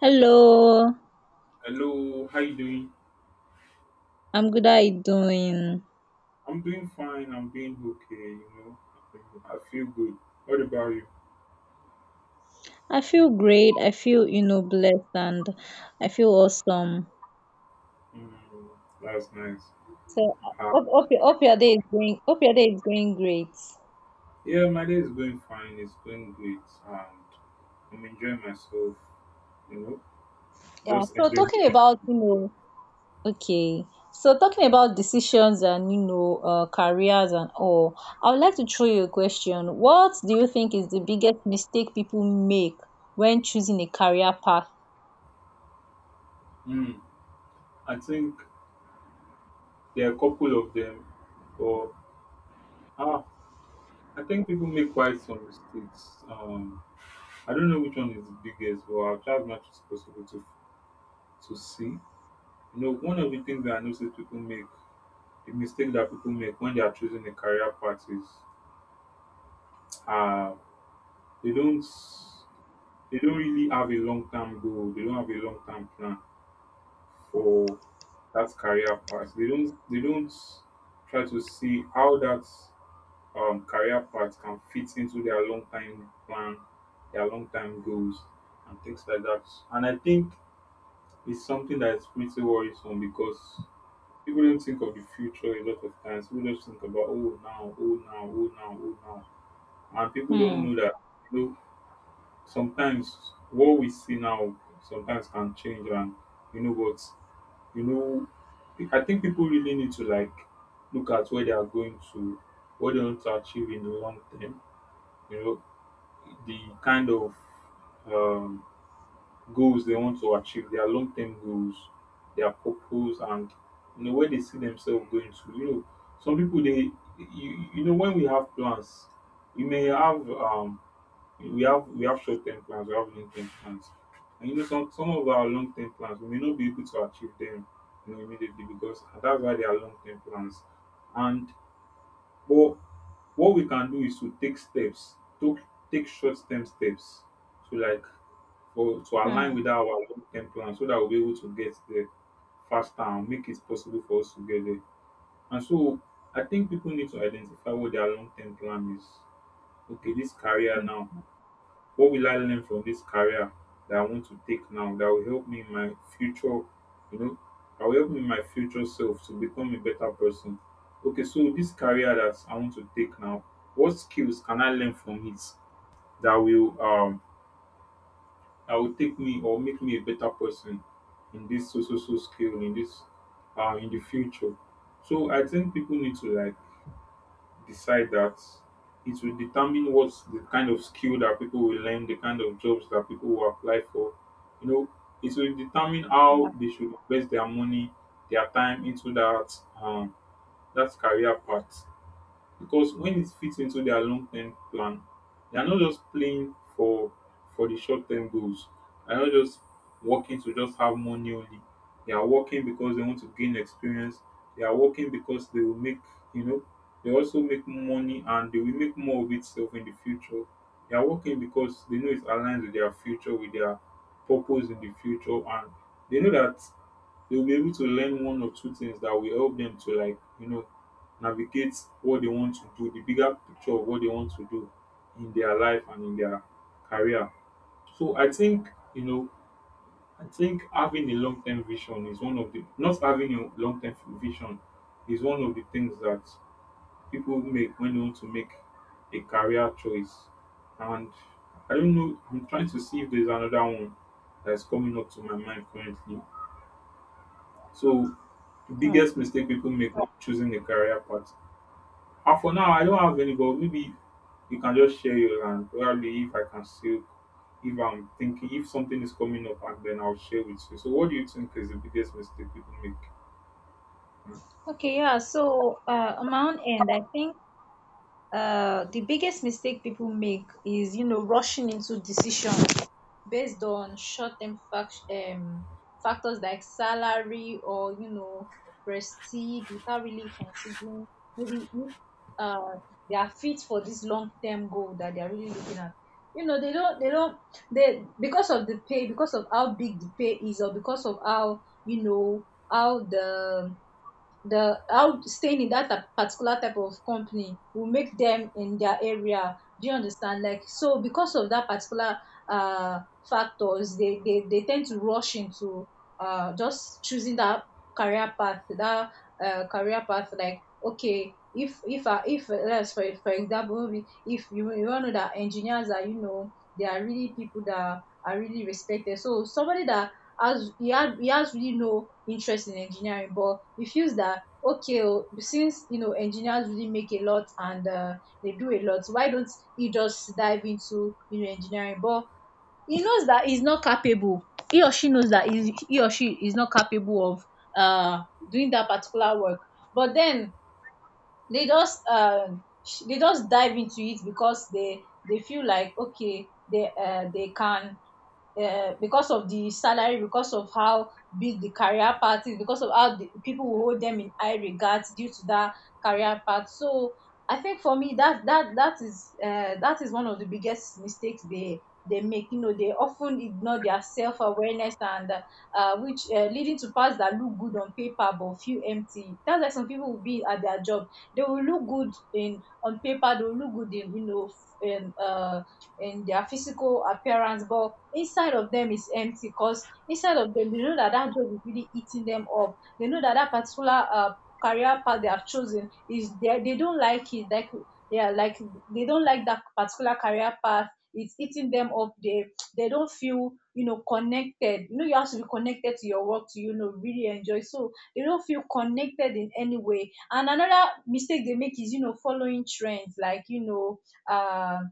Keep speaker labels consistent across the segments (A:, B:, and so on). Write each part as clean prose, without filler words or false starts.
A: Hello,
B: Hello, how you doing?
A: I'm good. How are you doing?
B: I'm doing fine. I'm doing okay. You know, I feel good. What about you?
A: I feel great. I feel, blessed, and I feel awesome.
B: Mm, that's nice.
A: So I
B: Ah,
A: hope your day is going great.
B: yeah, my day is going fine. It's going great, and I'm enjoying myself. You know,
A: Yeah.
B: just
A: So
B: enjoying the
A: talking
B: week.
A: about, okay. So talking about decisions and careers and all, I would like to throw you a question. What do you think is the biggest mistake people make when choosing a career path?
B: Mm, I think there are a couple of them, but ah, I think people make quite some mistakes. I don't know which one is the biggest, but I'll try as much as possible to see. You know, one of the things that I notice people make the mistake that people make when they are choosing a career path is uh, they don't they don't really have a long term goal. They don't have a long term plan for that career path. They don't try to see how that career path can fit into their long time plan, their long time goals, and things like that. And I think it's something that is pretty worrisome because people don't think of the future a lot of times. People just think about oh now, and people don't
A: Hmm.
B: know that you know sometimes what we see now sometimes can change, and you know what, you know, I think people really need to like look at where they are going to, what they want to achieve in the long term, you know, the kind of um, goals they want to achieve, their long-term goals, their purpose, and you know where they see themselves going to. You know, some people they you know when we have plans, we may have we have short-term plans, we have long-term plans. And you know, some of our long-term plans we may not be able to achieve them, you know, immediately, because that's why they are long-term plans. And but what we can do is to take steps, to take short-term steps to like for to align
A: Hmm.
B: with our long-term plan so that we'll be able to get there faster and make it possible for us to get there. And so I think people need to identify what their long-term plan is. Okay, this career now.
A: Hmm.
B: What will I learn from this career that I want to take now that will help me in my future, you know, that will help me in my future self to become a better person? Okay, so this career that I want to take now, what skills can I learn from it that will um that will take me or make me a better person in this so skill in this in the future? So I think people need to like decide that it will determine what's the kind of skill that people will learn, the kind of jobs that people will apply for. You know, it will determine how they should invest their money, their time into that um, that career path, because when it fits into their long-term plan, they are not just playing for the short-term goals. They are not just working to just have money only. They are working because they want to gain experience. They are working because they will make, you know, they also make money, and they will make more of itself in the future. They are working because they know it aligns with their future, with their purpose in the future, and they know that they will be able to learn one or two things that will help them to like you know navigate what they want to do, the bigger picture of what they want to do in their life and in their career. So I think, you know, I think having a long term vision is one of the, not having a long term vision is one of the things that people make when they want to make a career choice. And I don't know, I'm trying to see if there's another one that's coming up to my mind currently. So the
A: Yeah.
B: biggest mistake people make when choosing a career path. And for now, I don't have any, but maybe you can just share your, and probably if I can still, if I'm thinking, if something is coming up, and then I'll share with you. So, what do you think is the biggest mistake people make?
A: Okay, yeah. So, on my own end, I think the biggest mistake people make is, rushing into decisions based on short-term factors like salary or, prestige, without really considering maybe if uh, they are fit for this long-term goal that they are really looking at. You know, they don't, they don't, they, because of the pay, because of how big the pay is, or because of how, how the how staying in that particular type of company will make them in their area. Do you understand? Like, so because of that particular uh factors, they tend to rush into just choosing that career path, like, okay, if I if let's, for example, maybe if you all know that engineers are, you know, they are really people that are really respected. So somebody that, as he had he has really no interest in engineering, but he feels that, okay, oh, since engineers really make a lot, and they do a lot, why don't he just dive into, engineering? But he knows that he's not capable. He or she knows that he or she is not capable of uh doing that particular work. But then they just they just dive into it because they feel like, okay, they can, because of the salary, because of how big the career path is, because of how the people will hold them in high regards due to that career path. So I think, for me, that is one of the biggest mistakes they make. You know, they often ignore their self-awareness and, which, leading to paths that look good on paper but feel empty. That's like, some people will be at their job, they will look good in on paper, they will look good in, in their physical appearance, but inside of them is empty, because inside of them they know that that job is really eating them up. They know that that particular career path they have chosen is, they don't like it. Like, yeah, like they don't like that particular career path, it's eating them up, they don't feel, you know, connected. You know, you have to be connected to your work to, you know, really enjoy. So they don't feel connected in any way. And another mistake they make is, following trends, like, um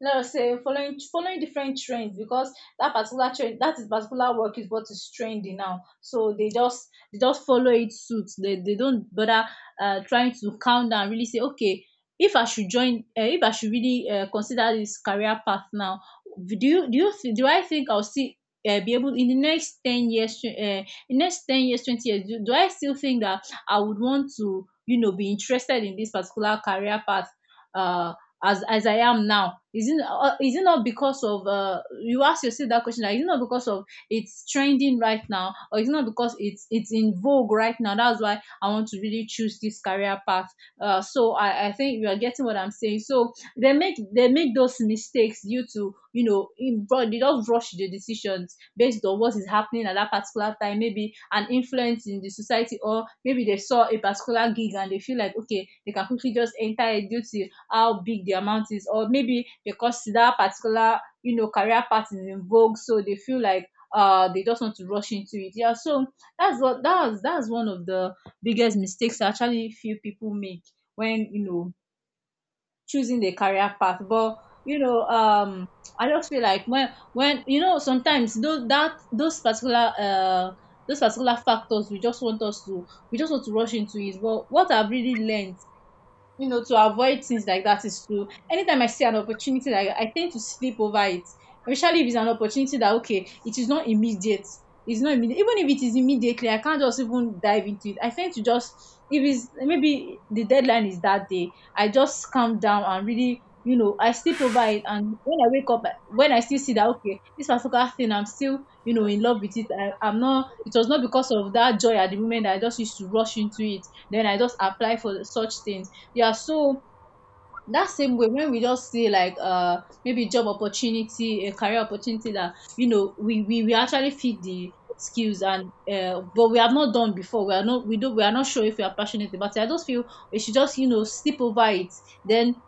A: let us say following different trends, because that particular trend that is particular work is what is trendy now, so they just, follow it suit. They don't bother trying to count down, really say, okay, if I should join, if I should really consider this career path now, do I think I'll still be able in the next 10 years, in next 10 years, 20 years, do I still think that I would want to, you know, be interested in this particular career path uh as I am now? Is it, is it not because of, you ask yourself that question? Like, is it not because of it's trending right now, or is it not because it's in vogue right now? That's why I want to really choose this career path. So I think you are getting what I'm saying. So they make, those mistakes due to, you know, in broad, they just rush the decisions based on what is happening at that particular time, maybe an influence in the society, or maybe they saw a particular gig and they feel like, okay, they can quickly just enter a duty, how big the amount is, or maybe because that particular, you know, career path is in vogue, so they feel like, they just want to rush into it. Yeah. So that's what, that's one of the biggest mistakes I actually feel people make when, you know, choosing the career path. But, you know um I just feel like, when, you know, sometimes those particular factors, we just want to rush into it. But what I've really learned, you know, to avoid things like that is, to anytime I see an opportunity, like, I tend to sleep over it, especially if it's an opportunity that, okay, it is not immediate. It's not immediate. Even if it is immediately, I can't just even dive into it. I tend to just, if it's maybe the deadline is that day, I just calm down and really, you know, I sleep over it. And when I wake up, when I still see that, okay, this particular thing, I'm still, you know, in love with it. I, I'm not. It was not because of that joy at the moment that I just used to rush into it. Then I just apply for such things. Iaçu, that same way when we just see, like, maybe job opportunity, a career opportunity that, you know, we actually fit the skills, and, but we have not done before, we are not, we are not sure if we are passionate about it, I just feel we should just, you know, sleep over it. Then,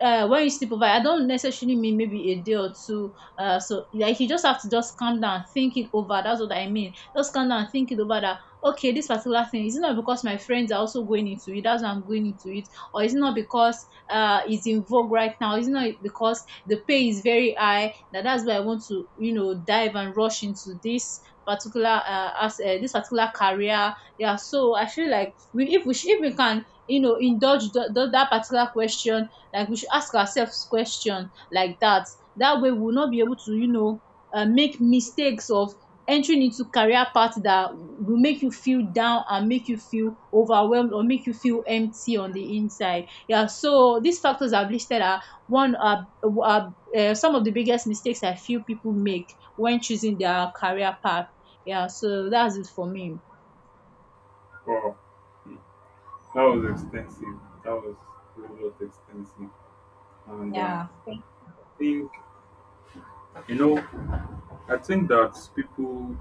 A: when you sleep over it, I don't necessarily mean maybe a day or two. So, like, you just have to just calm down, think it over. That's what I mean, just calm down, think it over. That, okay, this particular thing, is it not because my friends are also going into it, that's why I'm going into it? Or is it not because is in vogue right now? It's not because the pay is very high, that that's why I want to, you know, dive and rush into this particular, as this particular career. Yeah. So I feel like, we, if we can, you know, indulge that particular question, like, we should ask ourselves question like that. That way we will not be able to, you know, make mistakes of entering into career path that will make you feel down, and make you feel overwhelmed, or make you feel empty on the inside. Yeah, so these factors I've listed one are, are, some of the biggest mistakes I feel people make when choosing their career path. Yeah, so that's it for me.
B: Wow, that was extensive. That was a lot extensive. And
A: Yeah.
B: I think, you know, I think that people,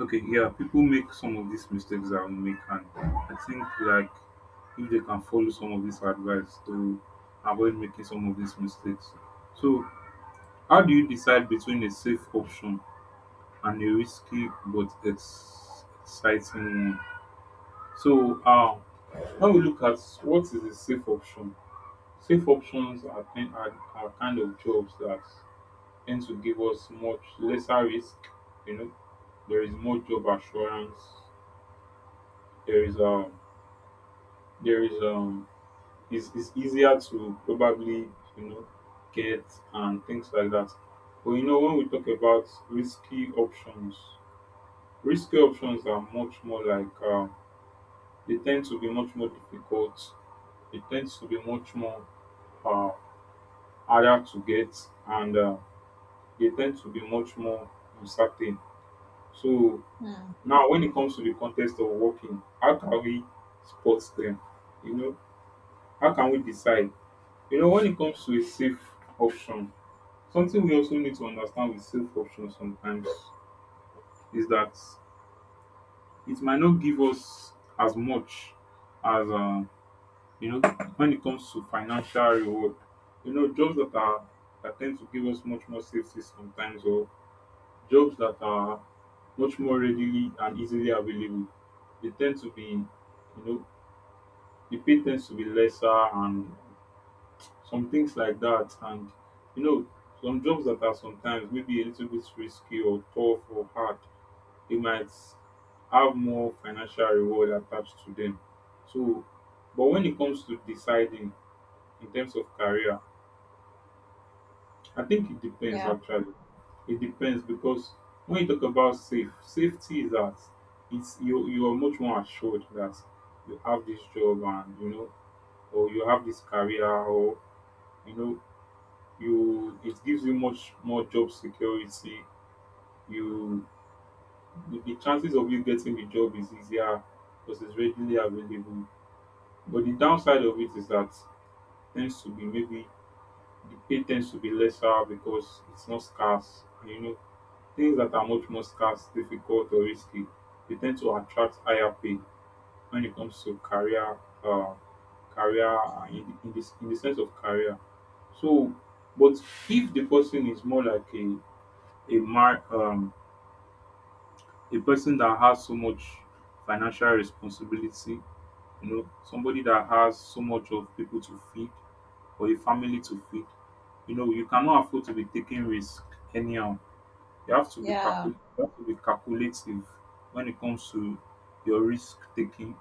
B: okay, yeah, people make some of these mistakes that we make. And I think, like, if they can follow some of this advice to avoid making some of these mistakes. So how do you decide between a safe option and a risky but exciting one? So, when we look at what is a safe option, safe options are, are kind of jobs that tend to give us much lesser risk. You know, there is more job assurance. There is there is um, it's easier to probably you know get and things like that. But you know, when we talk about risky options, risky options are much more like, they tend to be much more difficult. They tend to be much more uh, harder to get, and they tend to be much more uncertain. So
A: Hmm.
B: now, when it comes to the context of working, how can we spot them? You know, how can we decide? You know, when it comes to a safe option, something we also need to understand with safe options sometimes is that it might not give us as much as you know, when it comes to financial reward, you know, jobs that are that tend to give us much more safety sometimes, or jobs that are much more readily and easily available, they tend to be, you know, the pay tends to be lesser and some things like that. And you know, some jobs that are sometimes maybe a little bit risky or tough or hard, they might have more financial reward attached to them. So, but when it comes to deciding in terms of career, I think it depends
A: Yeah.
B: actually. It depends because when you talk about safe, safety is that it's you are much more assured that you have this job, and you know, or you have this career, or you know, you it gives you much more job security. You the chances of you getting the job is easier because it's readily available. But the downside of it is that tends to be maybe the pay tends to be lesser because it's not scarce. You know, things that are much more scarce, difficult, or risky, they tend to attract higher pay when it comes to career, uh, career in this in the sense of career. So, but if the person is more like a a mar, um, a person that has so much financial responsibility, you know, somebody that has so much of people to feed, or a family to feed, you know, you cannot afford to be taking risk anyhow. You have to be calcul
A: Yeah.
B: you have to be calculative when it comes to your risk taking.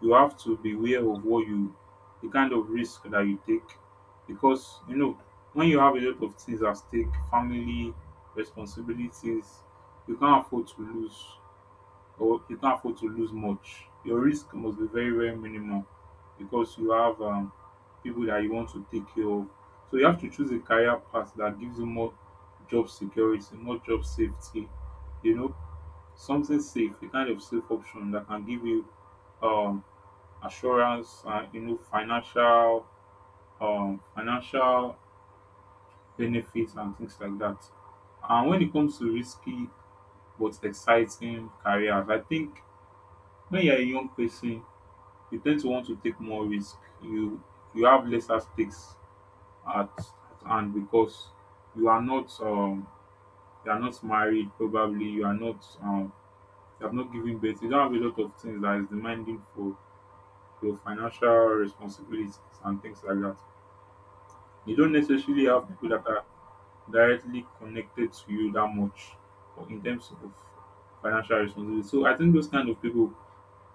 B: You have to be aware of what you the kind of risk that you take, because you know when you have a lot of things at stake, family, responsibilities, you can't afford to lose, or you can't afford to lose much. Your risk must be very, very minimal because you have people that you want to take care of. So you have to choose a career path that gives you more job security, more job safety, you know, something safe, a kind of safe option that can give you um, assurance, and you know financial financial benefits and things like that. And when it comes to risky but exciting careers, I think when you're a young person, you tend to want to take more risk. You have lesser stakes at hand because you are not um you are not married, probably you are not you have not given birth, you don't have a lot of things that is demanding for your financial responsibilities and things like that. You don't necessarily have people that are directly connected to you that much, or in terms of financial responsibility. So I think those kind of people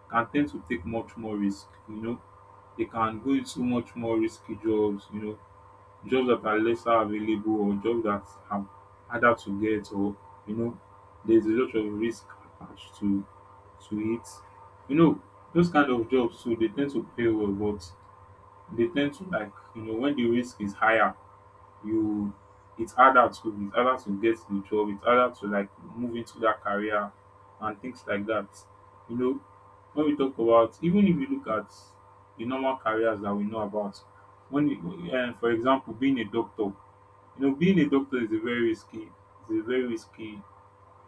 B: can tend to take much more risk, you know. They can go into much more risky jobs, you know, jobs that are lesser available, or jobs that are harder to get, or you know, there's a lot of risk attached to it. You know, those kind of jobs too, they tend to pay well, but they tend to like you know when the risk is higher, you it's harder to it's harder to get the job, it's harder to like move into that career and things like that. You know, when we talk about even if you look at the normal careers that we know about, when you, for example, being a doctor, you know, being a doctor is a very risky it's a very risky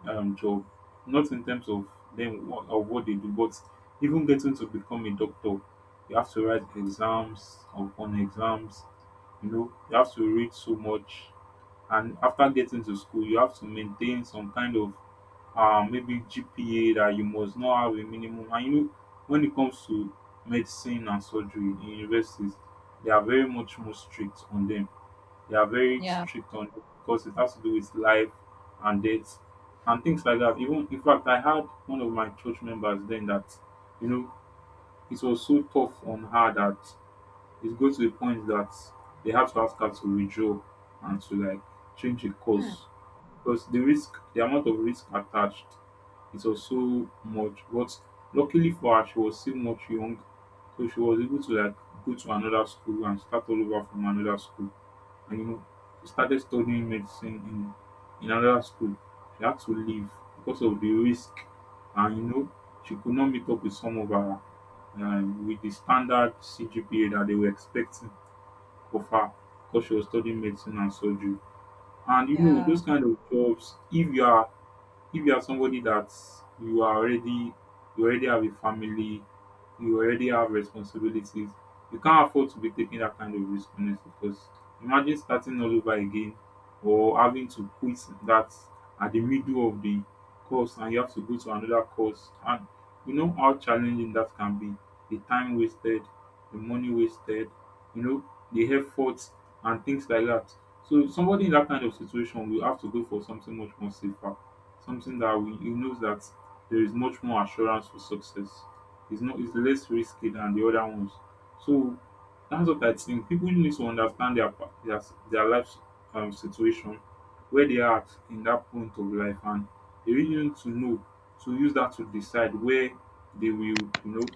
B: job, not in terms of them of what they do, but even getting to become a doctor, you have to write exams upon exams. You know, you have to read so much, and after getting to school, you have to maintain some kind of maybe GPA that you must not have a minimum. And you know, when it comes to medicine and surgery in universities, they are very much more strict on them. They are very
A: Yeah.
B: strict on them because it has to do with life and death and things like that. Even in fact, I had one of my church members then that you know it was so tough on her that it goes to a point that they have to ask her to withdraw and to like change the course because the risk, the amount of risk attached is also much. But luckily for her, she was still much young, so she was able to like go to another school and start all over from another school. And you know, she started studying medicine in another school. She had to leave because of the risk, and you know, she could not meet up with some of her with the standard CGPA that they were expecting of her because she was studying medicine and surgery. And you know, those kind of jobs, if you are somebody that you are already, you already have a family, you already have responsibilities, you can't afford to be taking that kind of risk honestly, because imagine starting all over again, or having to quit that at the middle of the course, and you have to go to another course, and you know how challenging that can be, the time wasted, the money wasted, you know, the effort and things like that. So somebody in that kind of situation will have to go for something much more safer, something that he knows that there is much more assurance for success. It's not it's less risky than the other ones. So that's what I think. People need to understand their their life situation, where they are at in that point of life, and they really need to know to use that to decide where they will, you know,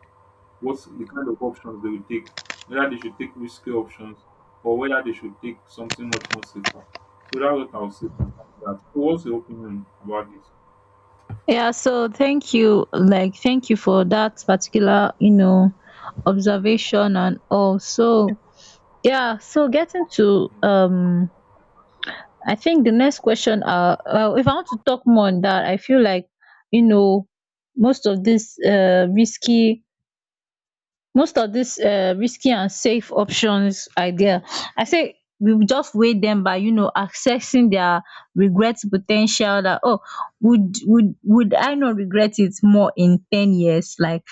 B: what's the kind of options they will take, whether they should take risky options, or whether they should take something much more safer. So that's what I'll say concerning that. So what's your opinion about this?
A: Yeah, so thank you. Like, thank you for that particular, you know, observation and all. So, yeah, so getting to, I think the next question, if I want to talk more on that, I feel like, you know, most of this risky and safe options idea, I say we will just weigh them by, you know, accessing their regrets potential. That, oh, would I not regret it more in 10 years? Like,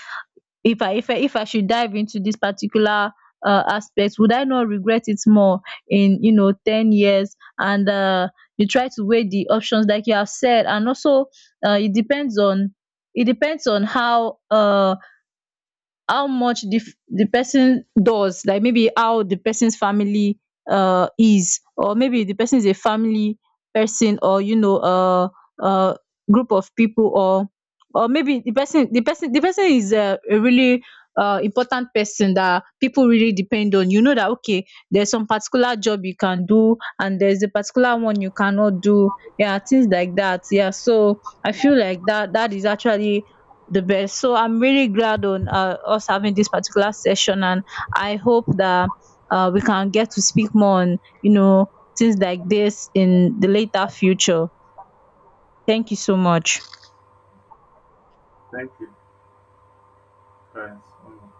A: if I should dive into this particular aspect, would I not regret it more in, you know, 10 years? And, you try to weigh the options, like you have said. And also, it depends on, how, how much the person does, like, maybe how the person's family is, or maybe the person is a family person, or, uh group of people, or maybe the person, is a really important person that people really depend on, you know, that okay, there's some particular job you can do and there's a particular one you cannot do. Yeah, things like that. Yeah, so I feel like that is actually the best. So I'm really glad on, us having this particular session, and I hope that, we can get to speak more on, you know, things like this in the later future. Thank you so much.
B: Thank you, guys. Um,